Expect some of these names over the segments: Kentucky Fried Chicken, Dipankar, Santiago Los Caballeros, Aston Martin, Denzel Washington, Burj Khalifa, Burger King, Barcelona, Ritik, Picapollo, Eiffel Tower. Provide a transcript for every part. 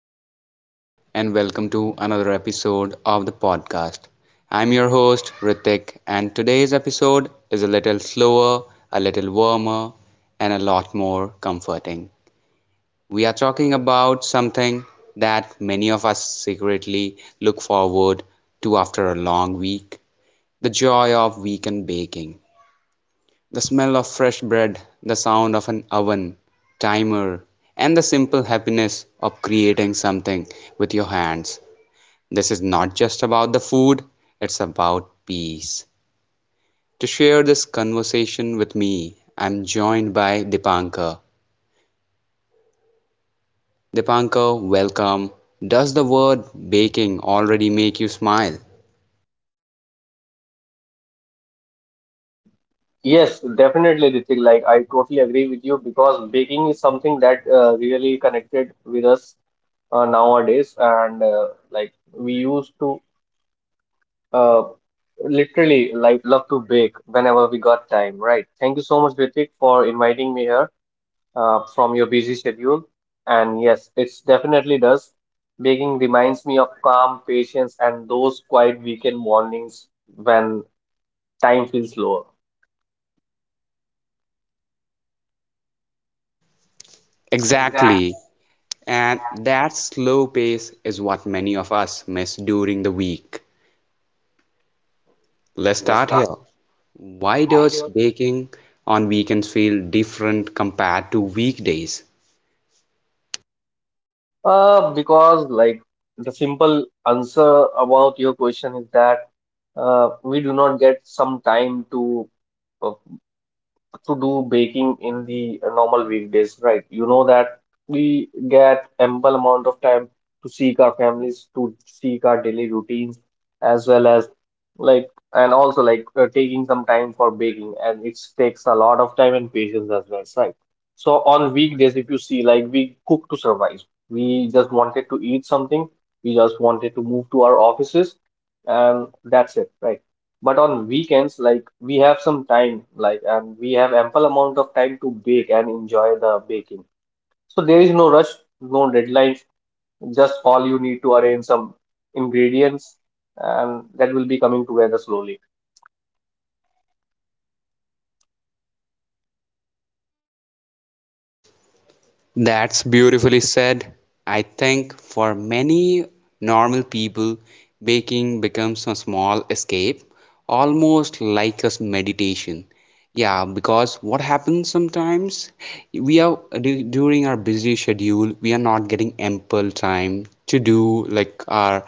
Hello, everyone, and welcome to another episode of the podcast. I'm your host, Ritik, and today's episode is a little slower, a little warmer, and a lot more comforting. We are talking about something that many of us secretly look forward to after a long week the joy of weekend baking, the smell of fresh bread, the sound of an oven, timer, and the simple happiness of creating something with your hands. This is not just about the food, it's about peace. To share this conversation with me, I'm joined by Dipankar. Dipankar, welcome. Does the word baking already make you smile? Yes, definitely, Ritik. Like, I totally agree with you because baking is something that really connected with us nowadays. And like, we used to uh, literally like love to bake whenever we got time, right? Thank you so much, Ritik, for inviting me here from your busy schedule. And yes, it's definitely does. Baking reminds me of calm, patience, and those quiet weekend mornings when time feels lower. Exactly. And that slow pace is what many of us miss during the week. Let's start here. Why does baking on weekends feel different compared to weekdays? Because like the simple answer about your question is that we do not get some time uh, to do baking in the normal weekdays, right? You know that we get ample amount of time to seek our families, to seek our daily routines, as well as like and also like taking some time for baking, and it takes a lot of time and patience as well, right? So on weekdays, if you see, like we cook to survive. We just wanted to eat something. We just wanted to move to our offices, and that's it, right? But on weekends, like we have some time, like and we have ample amount of time to bake and enjoy the baking. So there is no rush, no deadlines. Just all you need to arrange some ingredients, and that will be coming together slowly. That's beautifully said. I think for many normal people, baking becomes a small escape, almost like a meditation. Yeah, because what happens sometimes, we are during our busy schedule, we are not getting ample time to do like our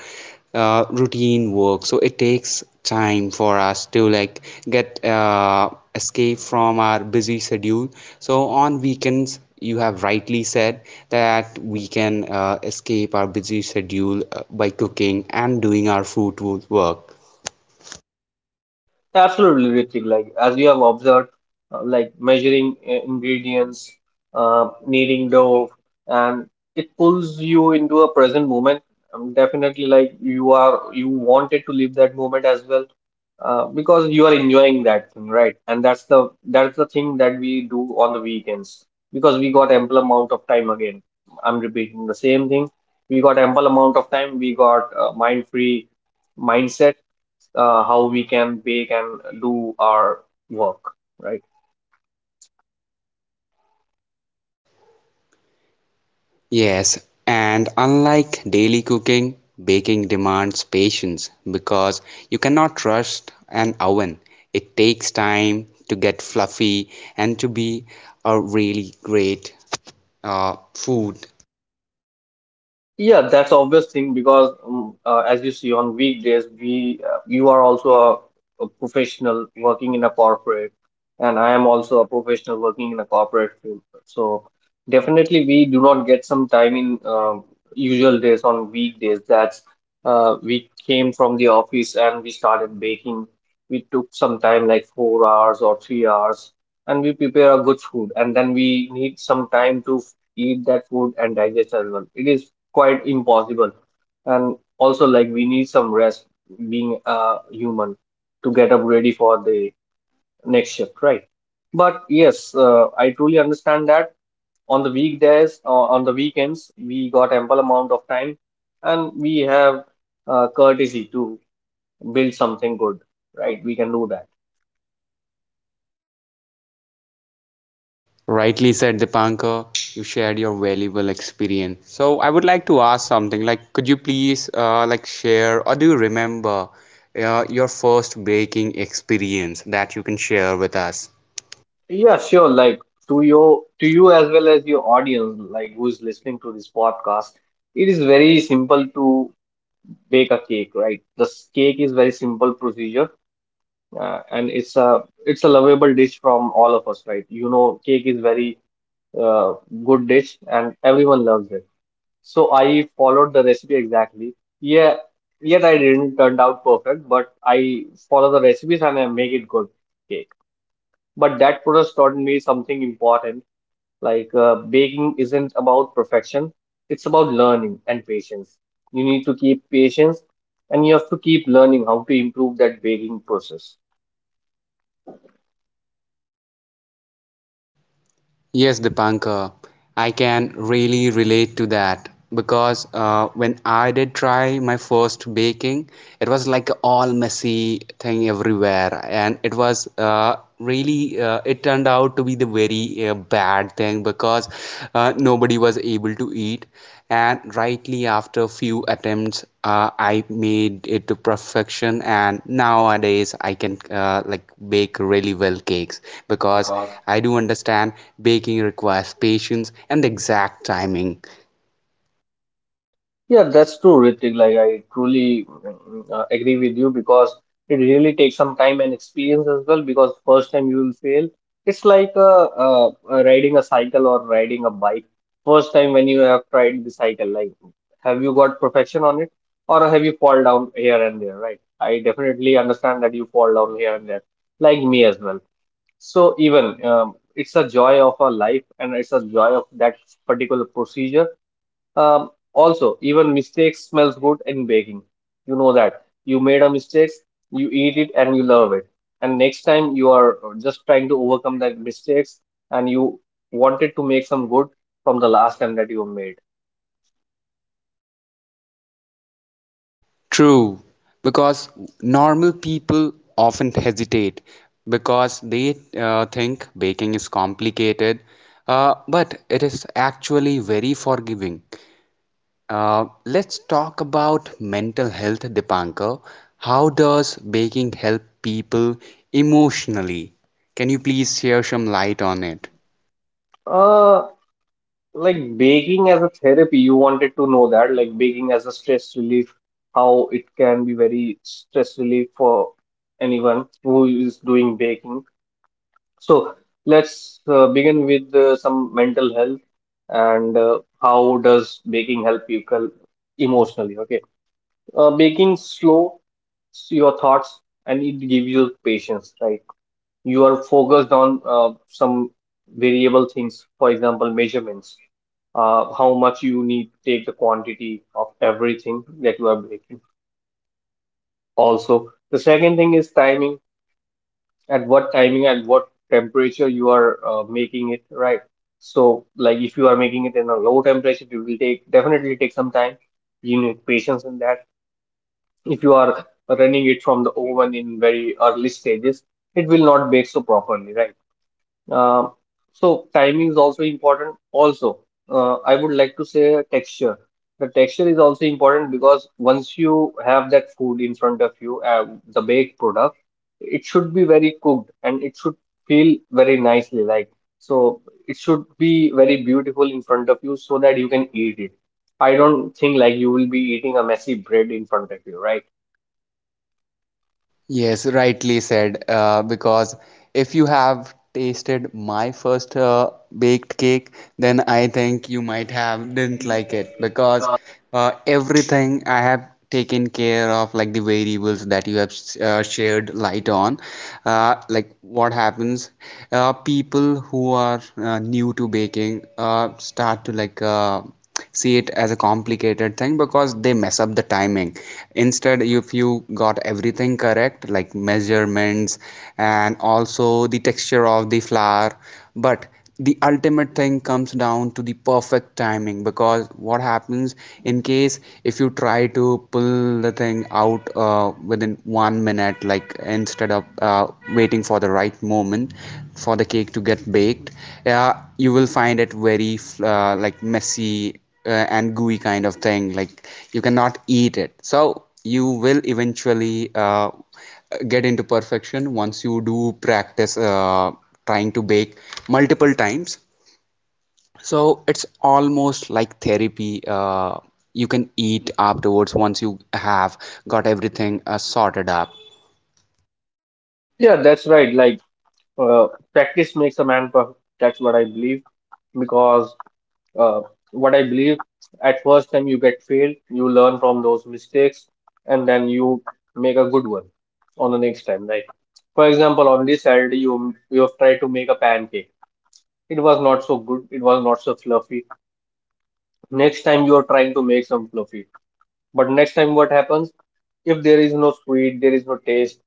routine work, so it takes time for us to like get escape from our busy schedule. So on weekends, you have rightly said that we can escape our busy schedule by cooking and doing our food work. Absolutely, Ritik. Like as you have observed, like measuring ingredients, kneading dough, and it pulls you into a present moment. Definitely, like you are, you wanted to live that moment as well, because you are enjoying that thing, right? And that's the thing that we do on the weekends because we got ample amount of time. Again, I'm repeating the same thing. We got ample amount of time. We got mind free mindset how we can bake and do our work, right? Yes, and unlike daily cooking, baking demands patience because you cannot rush an oven. It takes time to get fluffy and to be a really great food. Yeah, that's obvious thing because as you see on weekdays, we you are also a professional working in a corporate, and I am also a professional working in a corporate field. So definitely, we do not get some time in usual days on weekdays. That's we came from the office and we started baking. We took some time, like 4 hours or 3 hours, and we prepare a good food, and then we need some time to eat that food and digest as well. It is quite impossible. And also, like, we need some rest being a human to get up ready for the next shift, right? But yes, I truly understand that on the weekdays or on the weekends, we got ample amount of time and we have courtesy to build something good, right? We can do that. Rightly said, Dipankar, you shared your valuable experience. So I would like to ask something like, could you please like share, or do you remember your first baking experience that you can share with us? Yeah, sure. Like to you as well as your audience, like who is listening to this podcast, it is very simple to bake a cake, right? This cake is very simple procedure, and it's a lovable dish from all of us, right? You know, cake is very uh, good dish, and everyone loves it. So I followed the recipe exactly. Yeah, yet I didn't turn out perfect, but I follow the recipes and I make it good cake. But that process taught me something important like baking isn't about perfection, it's about learning and patience. You need to keep patience and you have to keep learning how to improve that baking process. Yes, Dipankar, I can really relate to that because when I did try my first baking, it was like a all messy thing everywhere, and it was really it turned out to be the very bad thing because nobody was able to eat. And rightly after few attempts, I made it to perfection, and nowadays I can like bake really well cakes because I do understand baking requires patience and exact timing. Yeah, that's true, Ritik. Like, I truly agree with you because it really takes some time and experience as well. Because first time you will fail, it's like riding a cycle or riding a bike. First time when you have tried the cycle, like, have you got perfection on it or have you fall down here and there, right? I definitely understand that you fall down here and there, like me as well. So, even it's a joy of a life and it's a joy of that particular procedure also, even mistakes smells good in baking. You know that you made a mistake, you eat it and you love it. And next time you are just trying to overcome that mistakes and you wanted to make some good from the last time that you made. True, because normal people often hesitate because they think baking is complicated, but it is actually very forgiving. Let's talk about mental health, Dipankar. How does baking help people emotionally? Can you please share some light on it? Uh, like baking as a therapy, you wanted to know that, like baking as a stress relief, how it can be very stress relief for anyone who is doing baking. So let's begin with some mental health and how does baking help people emotionally? Okay, baking slow your thoughts and it gives you patience, right? You are focused on some variable things, for example, measurements, how much you need to take the quantity of everything that you are baking. Also, the second thing is timing at what timing and what temperature you are making it right. So like if you are making it in a low temperature, it will take definitely take some time. You need patience in that. If you are running it from the oven in very early stages, it will not bake so properly, right? um, so timing is also important. Also, I would like to say texture. The texture is also important because once you have that food in front of you, the baked product, it should be very cooked and it should feel very nicely. Like so, it should be very beautiful in front of you so that you can eat it. I don't think like you will be eating a messy bread in front of you, right? Yes, rightly said. Because if you have tasted my first baked cake, then I think you might have didn't like it because everything I have taken care of, like the variables that you have shared light on, like what happens, people who are new to baking start to like. See it as a complicated thing because they mess up the timing. Instead, if you got everything correct, like measurements and also the texture of the flower, but the ultimate thing comes down to the perfect timing, because what happens in case if you try to pull the thing out within 1 minute, like instead of waiting for the right moment for the cake to get baked, you will find it very like messy, uh, and gooey kind of thing, like you cannot eat it. So you will eventually get into perfection once you do practice trying to bake multiple times. So it's almost like therapy. You can eat afterwards once you have got everything sorted up. Yeah, that's right. Like practice makes a man perfect. That's what I believe because uh, what I believe at first time you get failed, you learn from those mistakes, and then you make a good one on the next time. Like for example, on this Saturday you have tried to make a pancake. It was not so good. It was not so fluffy. Next time you are trying to make some fluffy, but next time what happens? If there is no sweet, there is no taste.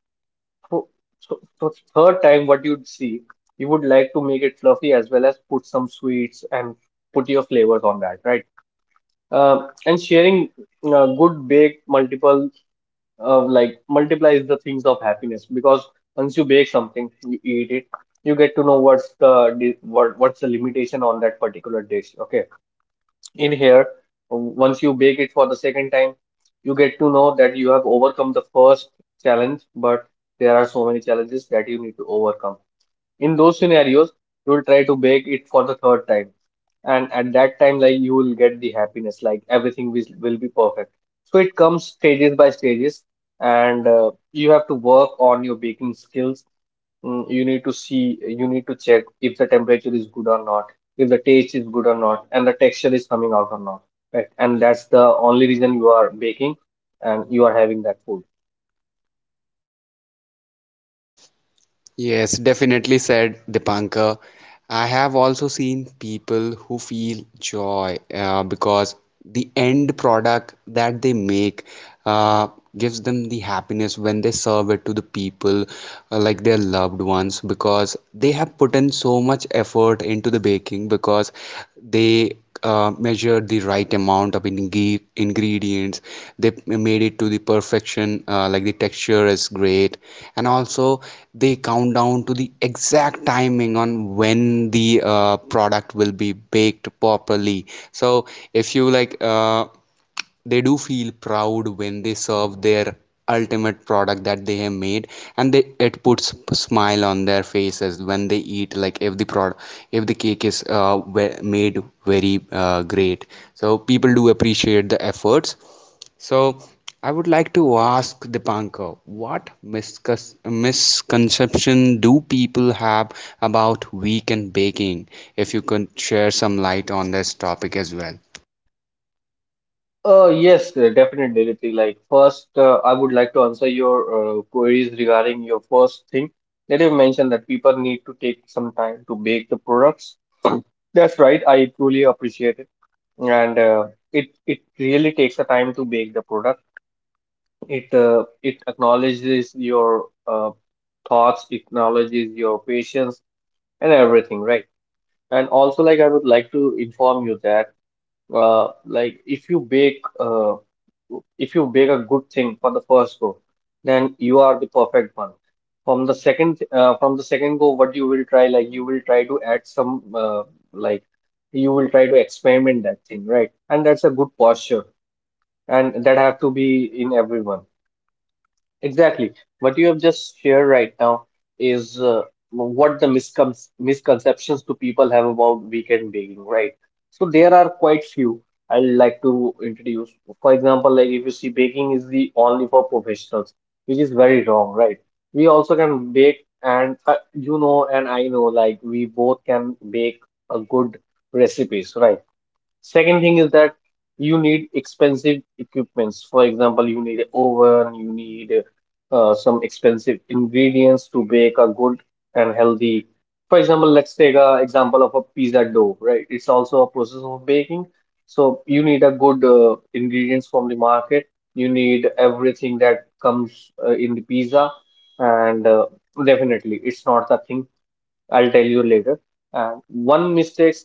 So, so third time what you'd see, you would like to make it fluffy as well as put some sweets and put your flavors on that, right? And sharing good bake multiple like multiplies the things of happiness because once you bake something you eat it, you get to know what's the limitation on that particular dish. Okay, in here, once you bake it for the second time, you get to know that you have overcome the first challenge, but there are so many challenges that you need to overcome. In those scenarios, you will try to bake it for the third time, and at that time like you will get the happiness like everything will be perfect. So it comes stages by stages, and you have to work on your baking skills. You need to see, you need to check if the temperature is good or not, if the taste is good or not and the texture is coming out or not, right? And that's the only reason you are baking and you are having that food. Yes, definitely said, Dipankar. I have also seen people who feel joy because the end product that they make uh, gives them the happiness when they serve it to the people, like their loved ones, because they have put in so much effort into the baking because they measured the right amount of ingredients. They made it to the perfection, like the texture is great, and also they count down to the exact timing on when the product will be baked properly. So if you like, they do feel proud when they serve their ultimate product that they have made, and they it puts smile on their faces when they eat, like if the product, if the cake is made very great. So people do appreciate the efforts. So I would like to ask Dipanka, what misconception do people have about weekend baking, if you could share some light on this topic as well. Yes, definitely. Ritik. Like first, I would like to answer your queries regarding your first thing that you mentioned that people need to take some time to bake the products. That's right. I truly appreciate it, and it it really takes the time to bake the product. It acknowledges your thoughts, it acknowledges your patience, and everything, right? And also, like I would like to inform you that, like if you bake a good thing for the first go, then you are the perfect one. From the second go, what you will try, like you will try to add some, like you will try to experiment that thing, right? And that's a good posture, and that have to be in everyone. Exactly. What you have just shared right now is what the misconceptions do people have about weekend baking, right? So there are quite few I'd like to introduce. For example, like if you see baking is the only for professionals, which is very wrong, right? We also can bake and you know and I know like we both can bake a good recipes, right? Second thing is that you need expensive equipments. For example, you need an oven, you need some expensive ingredients to bake a good and healthy. For example, let's take a example of a pizza dough, right? It's also a process of baking. So you need a good ingredients from the market. You need everything that comes in the pizza, and definitely it's not the thing. I'll tell you later. And one mistake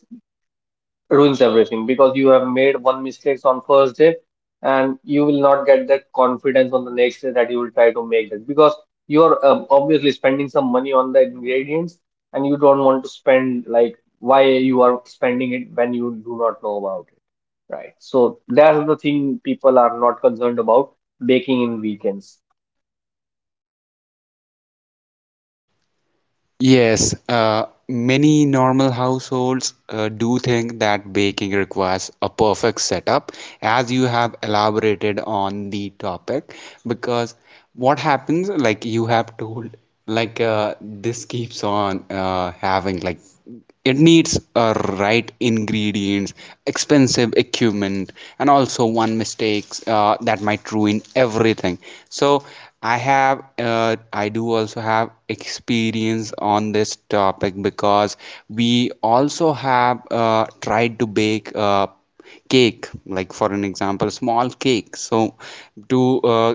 ruins everything because you have made one mistakes on first day, and you will not get that confidence on the next day that you will try to make that because you are obviously spending some money on the ingredients. And you don't want to spend, like, why you are spending it when you do not know about it, right? So that's the thing people are not concerned about baking in weekends. Yes, many normal households do think that baking requires a perfect setup, as you have elaborated on the topic. Because what happens, like you have told, like this keeps on having like, it needs a right ingredients, expensive equipment, and also one mistakes that might ruin everything. So I have I do also have experience on this topic because we also have tried to bake cake, like for an example small cake, so to uh,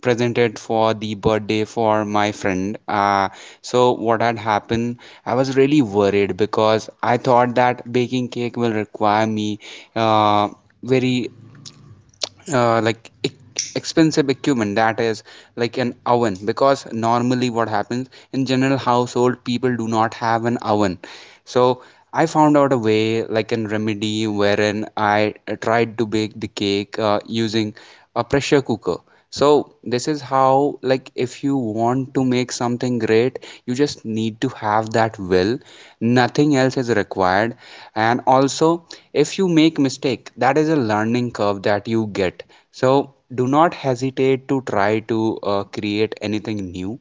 presented for the birthday for my friend. So what had happened? I was really worried because I thought that baking cake will require me uh, very like expensive equipment, that is like an oven, because normally what happens in general household people do not have an oven. So I found out a way, like an remedy, wherein I tried to bake the cake using a pressure cooker. So this is how, like if you want to make something great, you just need to have that will. Nothing else is required. And also, if you make mistake, that is a learning curve that you get. So do not hesitate to try to create anything new.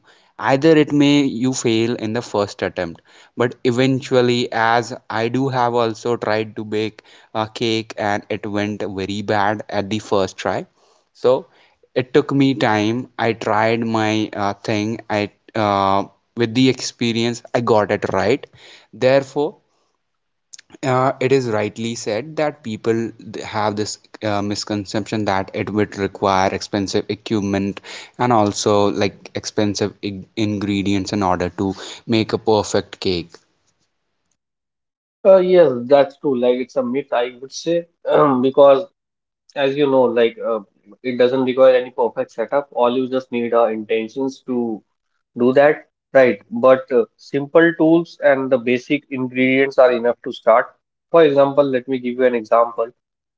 Either it may you fail in the first attempt, but eventually, as I do have also tried to bake a cake and it went very bad at the first try, so it took me time. I tried my thing, I uh, with the experience I got it right. Therefore, it is rightly said that people have this misconception that it would require expensive equipment and also like expensive ingredients in order to make a perfect cake. Yes, that's true, like it's a myth, I would say, because as you know, like it doesn't require any perfect setup. All you just need are intentions to do that, right? But simple tools and the basic ingredients are enough to start. For example, let me give you an example.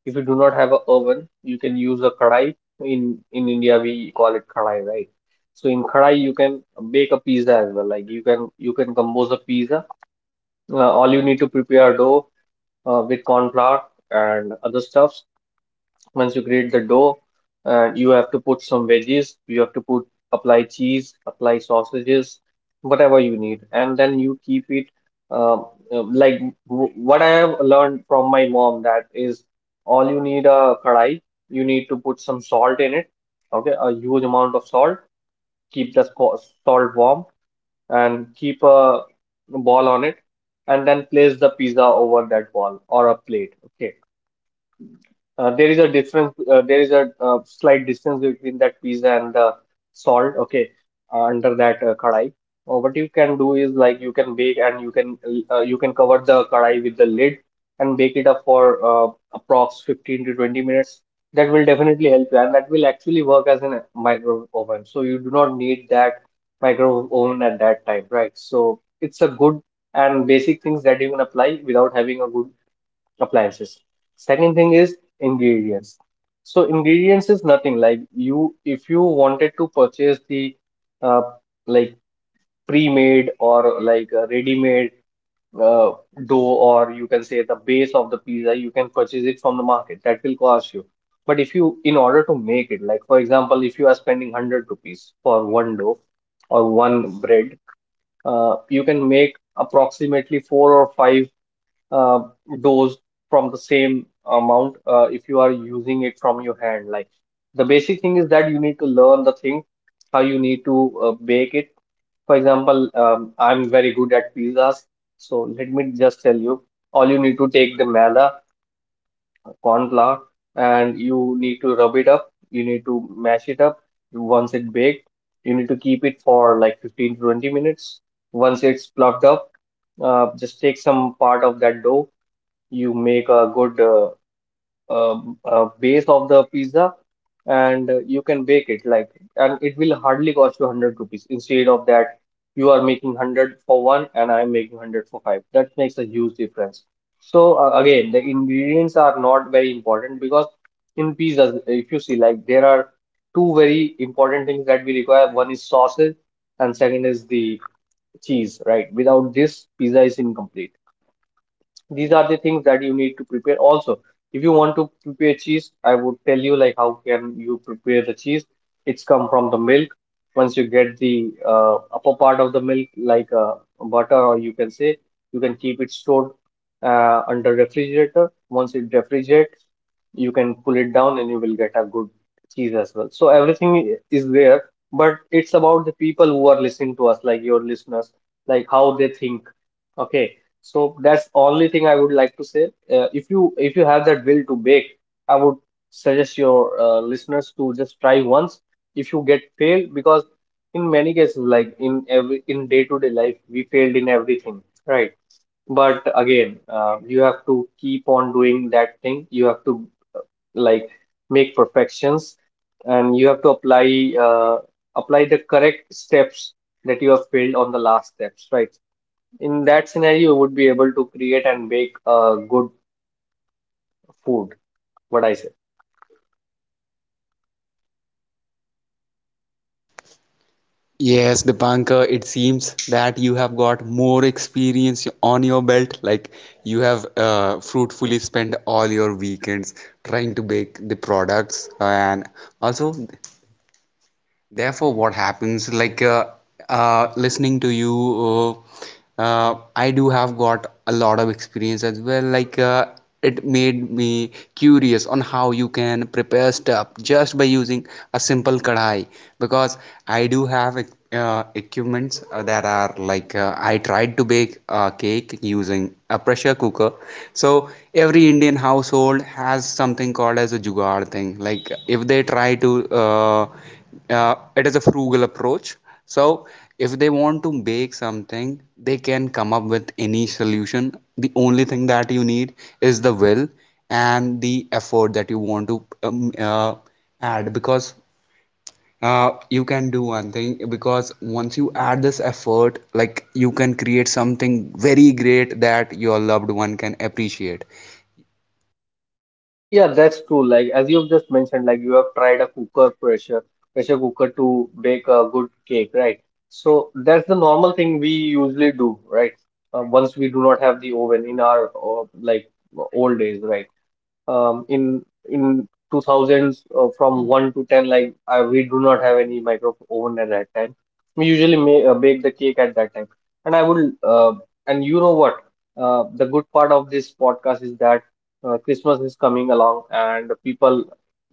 If you do not have an oven, you can use a kadai. In India, we call it kadai, right? So in kadai, you can bake a pizza as well. Like you can compose a pizza. All you need to prepare dough with corn flour and other stuffs. Once you create the dough, you have to put some veggies, you have to put, apply cheese, apply sausages, whatever you need, and then you keep it. Um, like what I have learned from my mom that is all you need a kadai, you need to put some salt in it, okay, a huge amount of salt, keep the salt warm, and keep a ball on it, and then place the pizza over that ball or a plate. Okay, there is a difference. There is a slight distance between that piece and the salt. Okay, under that kadai. What you can do is, like, you can bake and you can cover the kadai with the lid and bake it up for approx 15 to 20 minutes. That will definitely help you, and that will actually work as a microwave oven. So you do not need that microwave oven at that time, right? So it's a good and basic things that you can apply without having a good appliances. Second thing is ingredients. So ingredients is nothing, like you, if you wanted to purchase the uh, like pre-made or like a ready-made uh, dough, or you can say the base of the pizza, you can purchase it from the market. That will cost you. But if you, in order to make it, like for example, if you are spending 100 rupees for one dough or one bread, you can make approximately four or five uh, dose from the same amount if you are using it from your hand. Like, the basic thing is that you need to learn the thing, how you need to bake it. For example, I'm very good at pizzas, so let me just tell you, all you need to take the maida, corn flour, and you need to rub it up. You need to mash it up. Once it baked, you need to keep it for like 15 to 20 minutes. Once it's plucked up, just take some part of that dough. You make a good base of the pizza, and you can bake it. Like, and it will hardly cost you 100 rupees. Instead of that, you are making 100 for one and I am making 100 for five. That makes a huge difference. So again, the ingredients are not very important, because in pizzas, if you see, like there are two very important things that we require. One is sausage, and second is the cheese, right? Without this, pizza is incomplete. These are the things that you need to prepare. Also, if you want to prepare cheese, I would tell you, like, how can you prepare the cheese. It's come from the milk. Once you get the upper part of the milk, like butter, or you can say you can keep it stored under refrigerator. Once it refrigerates, you can pull it down, and you will get a good cheese as well. So everything is there. But it's about the people who are listening to us, like your listeners, like how they think, okay. So that's only thing I would like to say. If you have that will to bake, I would suggest your listeners to just try once. If you get failed, because in many cases, like in every, in day-to-day life, we failed in everything, right? But again, you have to keep on doing that thing. You have to, like, make perfections, and you have to apply the correct steps that you have failed on the last steps, right? In that scenario, you would be able to create and make good food. What I say? Yes, Dipankar, it seems that you have got more experience on your belt. Like you have fruitfully spent all your weekends trying to bake the products, and also therefore, what happens like listening to you, I do have got a lot of experience as well. Like it made me curious on how you can prepare stuff just by using a simple kadhai, because I do have equipments that are like, I tried to bake a cake using a pressure cooker. So every Indian household has something called as a jugaad thing. Like if they try to it is a frugal approach. So if they want to bake something, they can come up with any solution. The only thing that you need is the will and the effort that you want to add, because you can do one thing, because once you add this effort, like you can create something very great that your loved one can appreciate. Yeah, that's true, like as you've just mentioned, like you have tried a cooker pressure pressure cooker to bake a good cake, right? So that's the normal thing we usually do, right? Once we do not have the oven in our like old days, right? um, in in 2000s from 1 to 10, like we do not have any micro oven at that time. We usually bake the cake at that time. And i will uh, and you know what, the good part of this podcast is that Christmas is coming along, and the people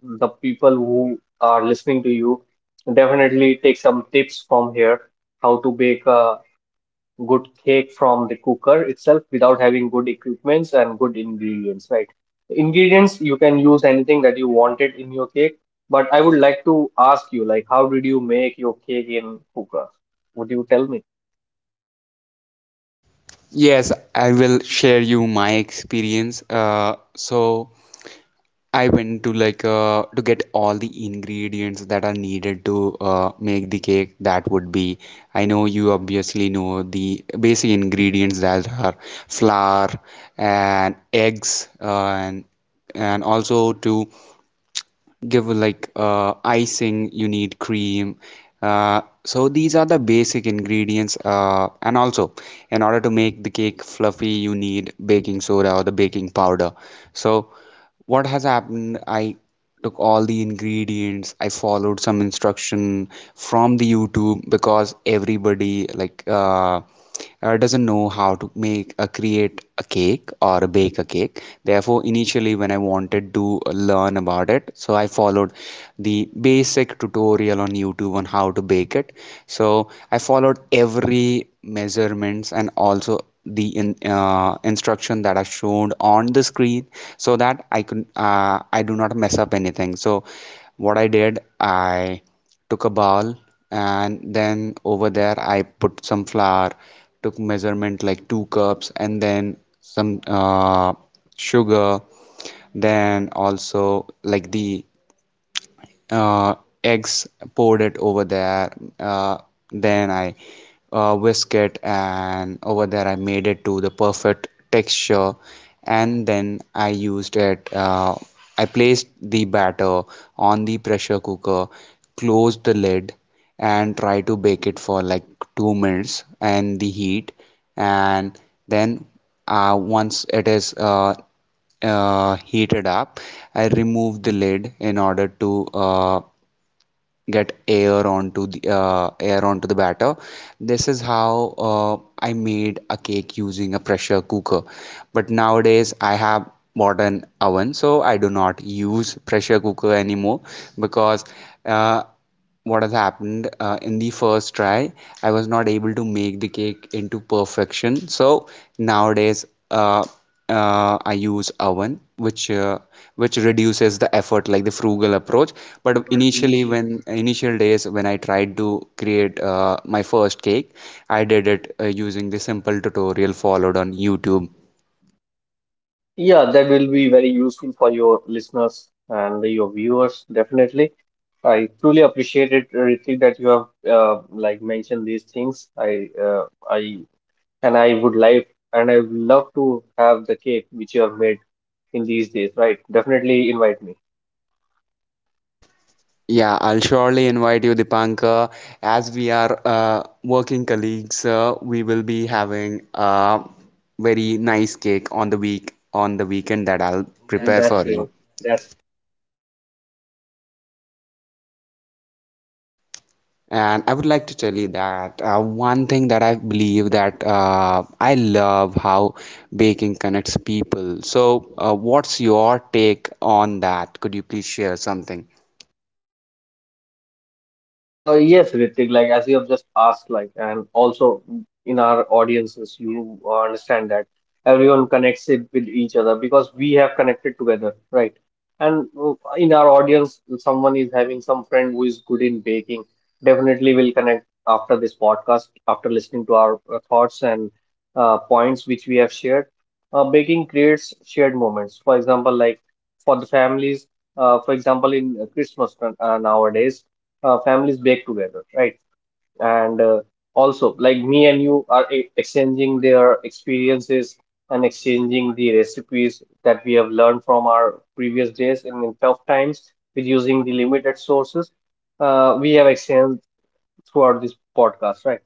the people who are listening to you definitely take some tips from here, how to bake a good cake from the cooker itself without having good equipments and good ingredients, right? Ingredients, you can use anything that you wanted in your cake. But I would like to ask you, like, how did you make your cake in cooker? Would you tell me? Yes, I will share you my experience. So I went to like to get all the ingredients that are needed to make the cake. That would be, I know you obviously know the basic ingredients that are flour and eggs, and also to give like icing, you need cream. So these are the basic ingredients, and also in order to make the cake fluffy, you need baking soda or the baking powder. So what has happened, I took all the ingredients, I followed some instruction from the YouTube, because everybody like doesn't know how to make create a cake or a bake a cake. Therefore, initially when I wanted to learn about it, so I followed the basic tutorial on YouTube on how to bake it. So I followed every measurements and also the instruction that are shown on the screen so that I could I do not mess up anything. So what I did, I took a ball, and then over there I put some flour, took measurement like two cups, and then some sugar, then also like the uh, eggs, poured it over there. Uh, then I whisk it, and over there I made it to the perfect texture. And then I used it. I placed the batter on the pressure cooker, closed the lid, and try to bake it for like 2 minutes and the heat. And then once it is heated up, I removed the lid in order to get air onto the batter. This is how I made a cake using a pressure cooker. But nowadays I have modern oven, so I do not use pressure cooker anymore because uh, what has happened in the first try I was not able to make the cake into perfection. So nowadays uh, I use oven which reduces the effort, like the frugal approach. But initially, when initial days when I tried to create my first cake, I did it using the simple tutorial followed on YouTube. Yeah, that will be very useful for your listeners and your viewers, definitely. I truly appreciate it, Ritik, that you have like mentioned these things. I and I would like and I would love to have the cake which you have made in these days, right? Definitely invite me. Yeah, I'll surely invite you, Dipanka. As we are working colleagues, we will be having a very nice cake on the weekend that I'll prepare That's for great. you. That's And I would like to tell you that one thing that I believe, that I love how baking connects people. So, what's your take on that? Could you please share something? Yes, Ritik, like as you have just asked, like, and also in our audiences, you understand that everyone connects it with each other because we have connected together, right? And in our audience, someone is having some friend who is good in baking, definitely will connect after this podcast, after listening to our thoughts and points which we have shared. Baking creates shared moments. For example, like for the families, for example, in Christmas nowadays, families bake together, right? And also, like me and you are exchanging their experiences and exchanging the recipes that we have learned from our previous days and in tough times with using the limited sources. We have exchanged throughout this podcast, right?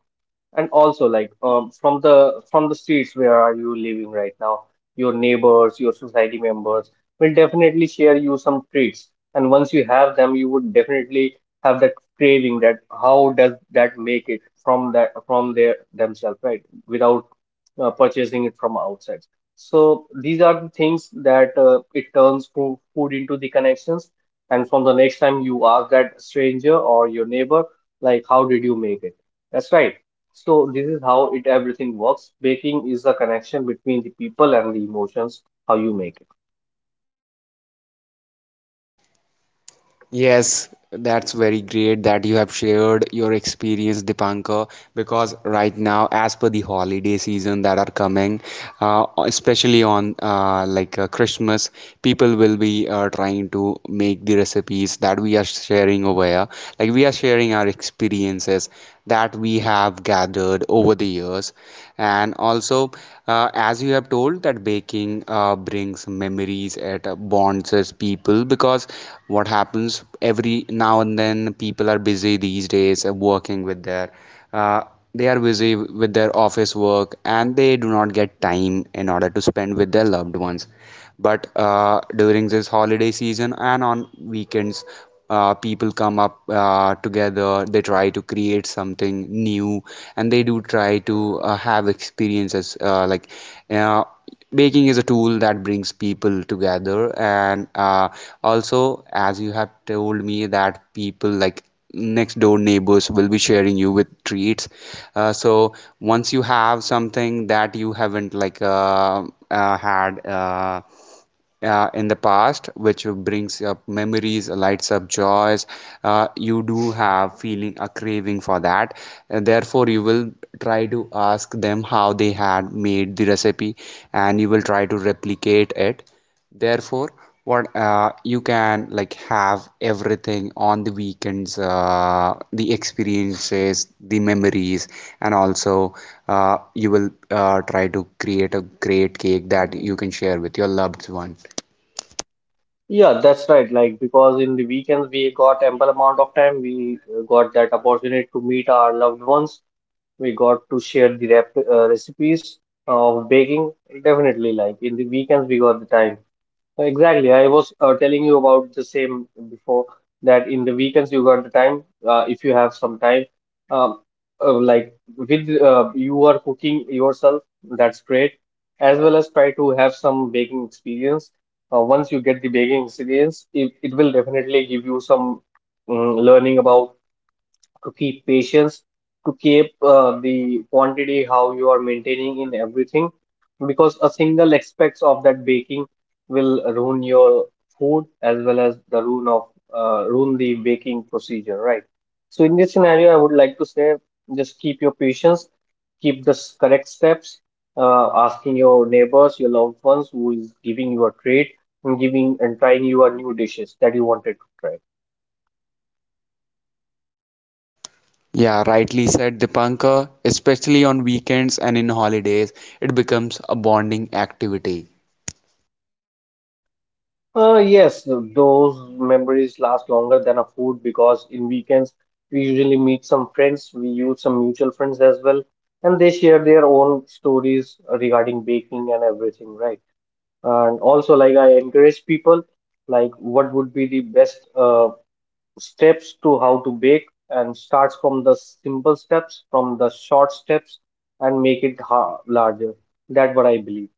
And also, like from the streets where are you living right now, your neighbors, your society members will definitely share you some treats. And once you have them, you would definitely have that craving, that how does that make it from that from their themselves, right? Without purchasing it from outside. So these are the things that it turns food into the connections. And from the next time, you ask that stranger or your neighbor, like, how did you make it? That's right. So this is how it everything works. Baking is the connection between the people and the emotions, how you make it. Yes, that's very great that you have shared your experience, Dipankar, because right now, as per the holiday season that are coming, especially on Christmas, people will be trying to make the recipes that we are sharing over here. Like we are sharing our experiences that we have gathered standard over the years, and also as you have told that baking brings memories, it bonds us people because what happens every now and then, people are busy these days working with their uh, they are busy with their office work and they do not get time in order to spend with their loved ones. But during this holiday season and on weekends, people come up together, they try to create something new, and they do try to have experiences uh, baking is a tool that brings people together. And also, as you have told me that people, like next door neighbors, will be sharing you with treats. So once you have something that you haven't had in the past, which brings up memories, lights up joys. You do have feeling a craving for that. And therefore, you will try to ask them how they had made the recipe, and you will try to replicate it. Therefore, what you can like have everything on the weekends, the experiences, the memories, and also you will try to create a great cake that you can share with your loved one. Yeah, that's right. Like, because in the weekends we got ample amount of time, we got that opportunity to meet our loved ones. We got to share the rep recipes of baking. Definitely, like in the weekends we got the time. Exactly. I was telling you about the same before, that in the weekends you got the time. If you have some time, um, like with you are cooking yourself, that's great, as well as try to have some baking experience. Once you get the baking experience, it will definitely give you some learning about to keep patience, to keep the quantity how you are maintaining in everything, because a single aspects of that baking will ruin your food, as well as the ruin the baking procedure, right? So in this scenario, I would like to say, just keep your patience, keep the correct steps, asking your neighbors, your loved ones who is giving you a treat and giving and trying you a new dishes that you wanted to try. Yeah, rightly said, Dipankar, especially on weekends and in holidays, it becomes a bonding activity. Yes, those memories last longer than a food, because in weekends we usually meet some friends, we use some mutual friends as well, and they share their own stories regarding baking and everything, right? And also, like I encourage people, like what would be the best steps to how to bake, and starts from the simple steps, from the short steps, and make it ha larger. That's what I believe.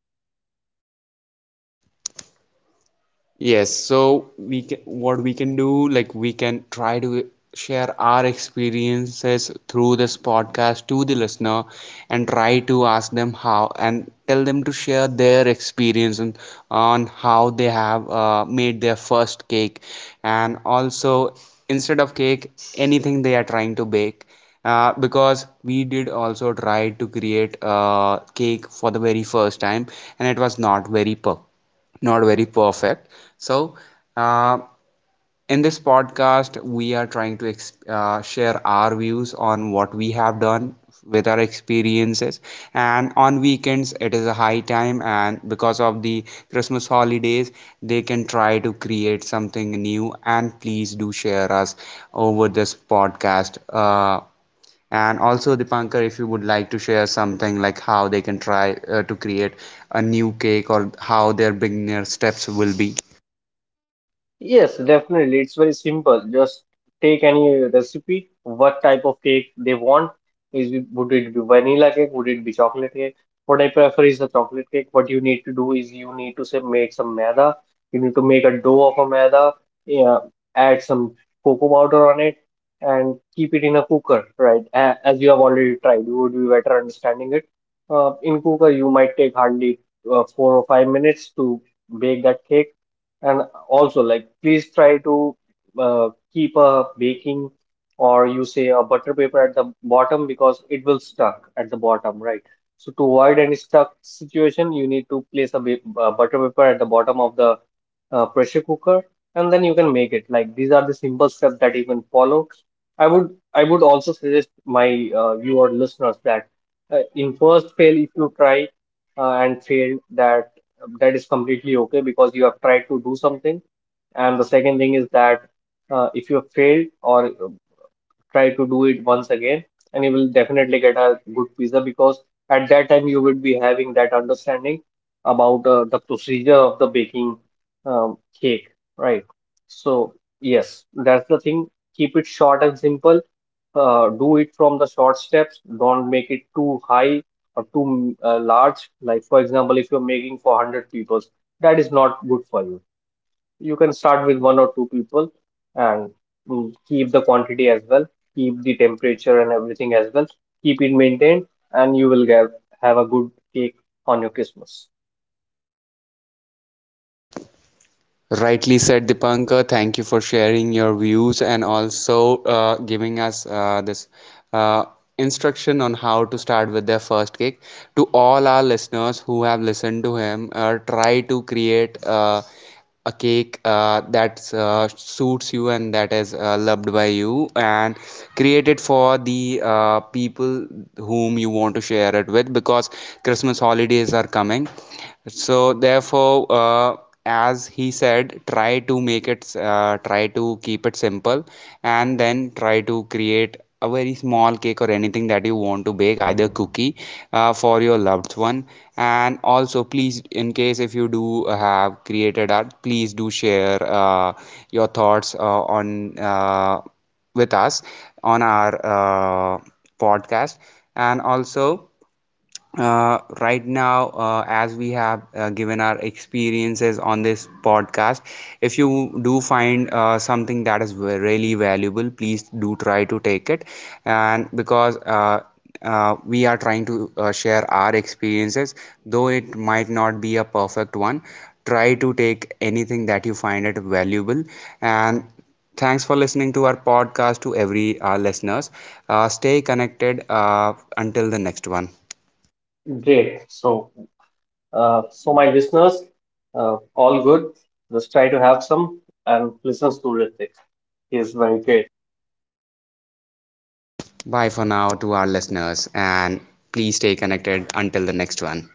Yes, so what we can do, like we can try to share our experiences through this podcast to the listener, and try to ask them how, and tell them to share their experience on how they have made their first cake, and also, instead of cake, anything they are trying to bake. Because we did also try to create a cake for the very first time, and it was not very perfect, not very perfect. So, uh, in this podcast, we are trying to exp share our views on what we have done with our experiences. And on weekends, it is a high time, and because of the Christmas holidays, they can try to create something new. And please do share us over this podcast. And also, Dipankar, if you would like to share something, like how they can try to create a new cake or how their beginner steps will be. Yes, definitely. It's very simple. Just take any recipe, what type of cake they want. Is it, would it be vanilla cake? Would it be chocolate cake? What I prefer is the chocolate cake. What you need to do is you need to say make some maida. You need to make a dough of a maida. Yeah, add some cocoa powder on it, and keep it in a cooker, right? As you have already tried, you would be better understanding it. In cooker, you might take hardly 4 or 5 minutes to bake that cake. And also, like, please try to keep a baking, or you say a butter paper at the bottom, because it will stuck at the bottom, right? So to avoid any stuck situation, you need to place a ba butter paper at the bottom of the pressure cooker, and then you can make it. Like, these are the simple steps that you can follow. I would also suggest my viewer listeners that in first fail, if you try and fail, that is completely okay, because you have tried to do something. And the second thing is that if you have failed, or try to do it once again, and you will definitely get a good pizza, because at that time you would be having that understanding about the procedure of the baking, cake, right? So, yes, that's the thing. Keep it short and simple. Do it from the short steps. Don't make it too high or too large. Like, for example, if you're making for 100 people, that is not good for you. You can start with one or two people, and keep the quantity as well, keep the temperature and everything as well, keep it maintained, and you will get have a good cake on your Christmas. Rightly said, Dipankar. Thank you for sharing your views and also giving us this uh, instruction on how to start with their first kick. To all our listeners who have listened to him, try to create a cake that suits you and that is loved by you, and create it for the people whom you want to share it with, because Christmas holidays are coming. So, therefore, as he said, try to make it, try to keep it simple, and then try to create a very small cake or anything that you want to bake, either cookie for your loved one. And also, please, in case if you do have created art, please do share your thoughts on with us on our podcast. And also, right now, as we have given our experiences on this podcast, if you do find something that is really valuable, please do try to take it. And because we are trying to share our experiences, though it might not be a perfect one. Try to take anything that you find it valuable. And thanks for listening to our podcast, to every listeners. Stay connected until the next one. Great. So, so my listeners, all good. Just try to have some and listen to Ritik. He is very great. Bye for now to our listeners, and please stay connected until the next one.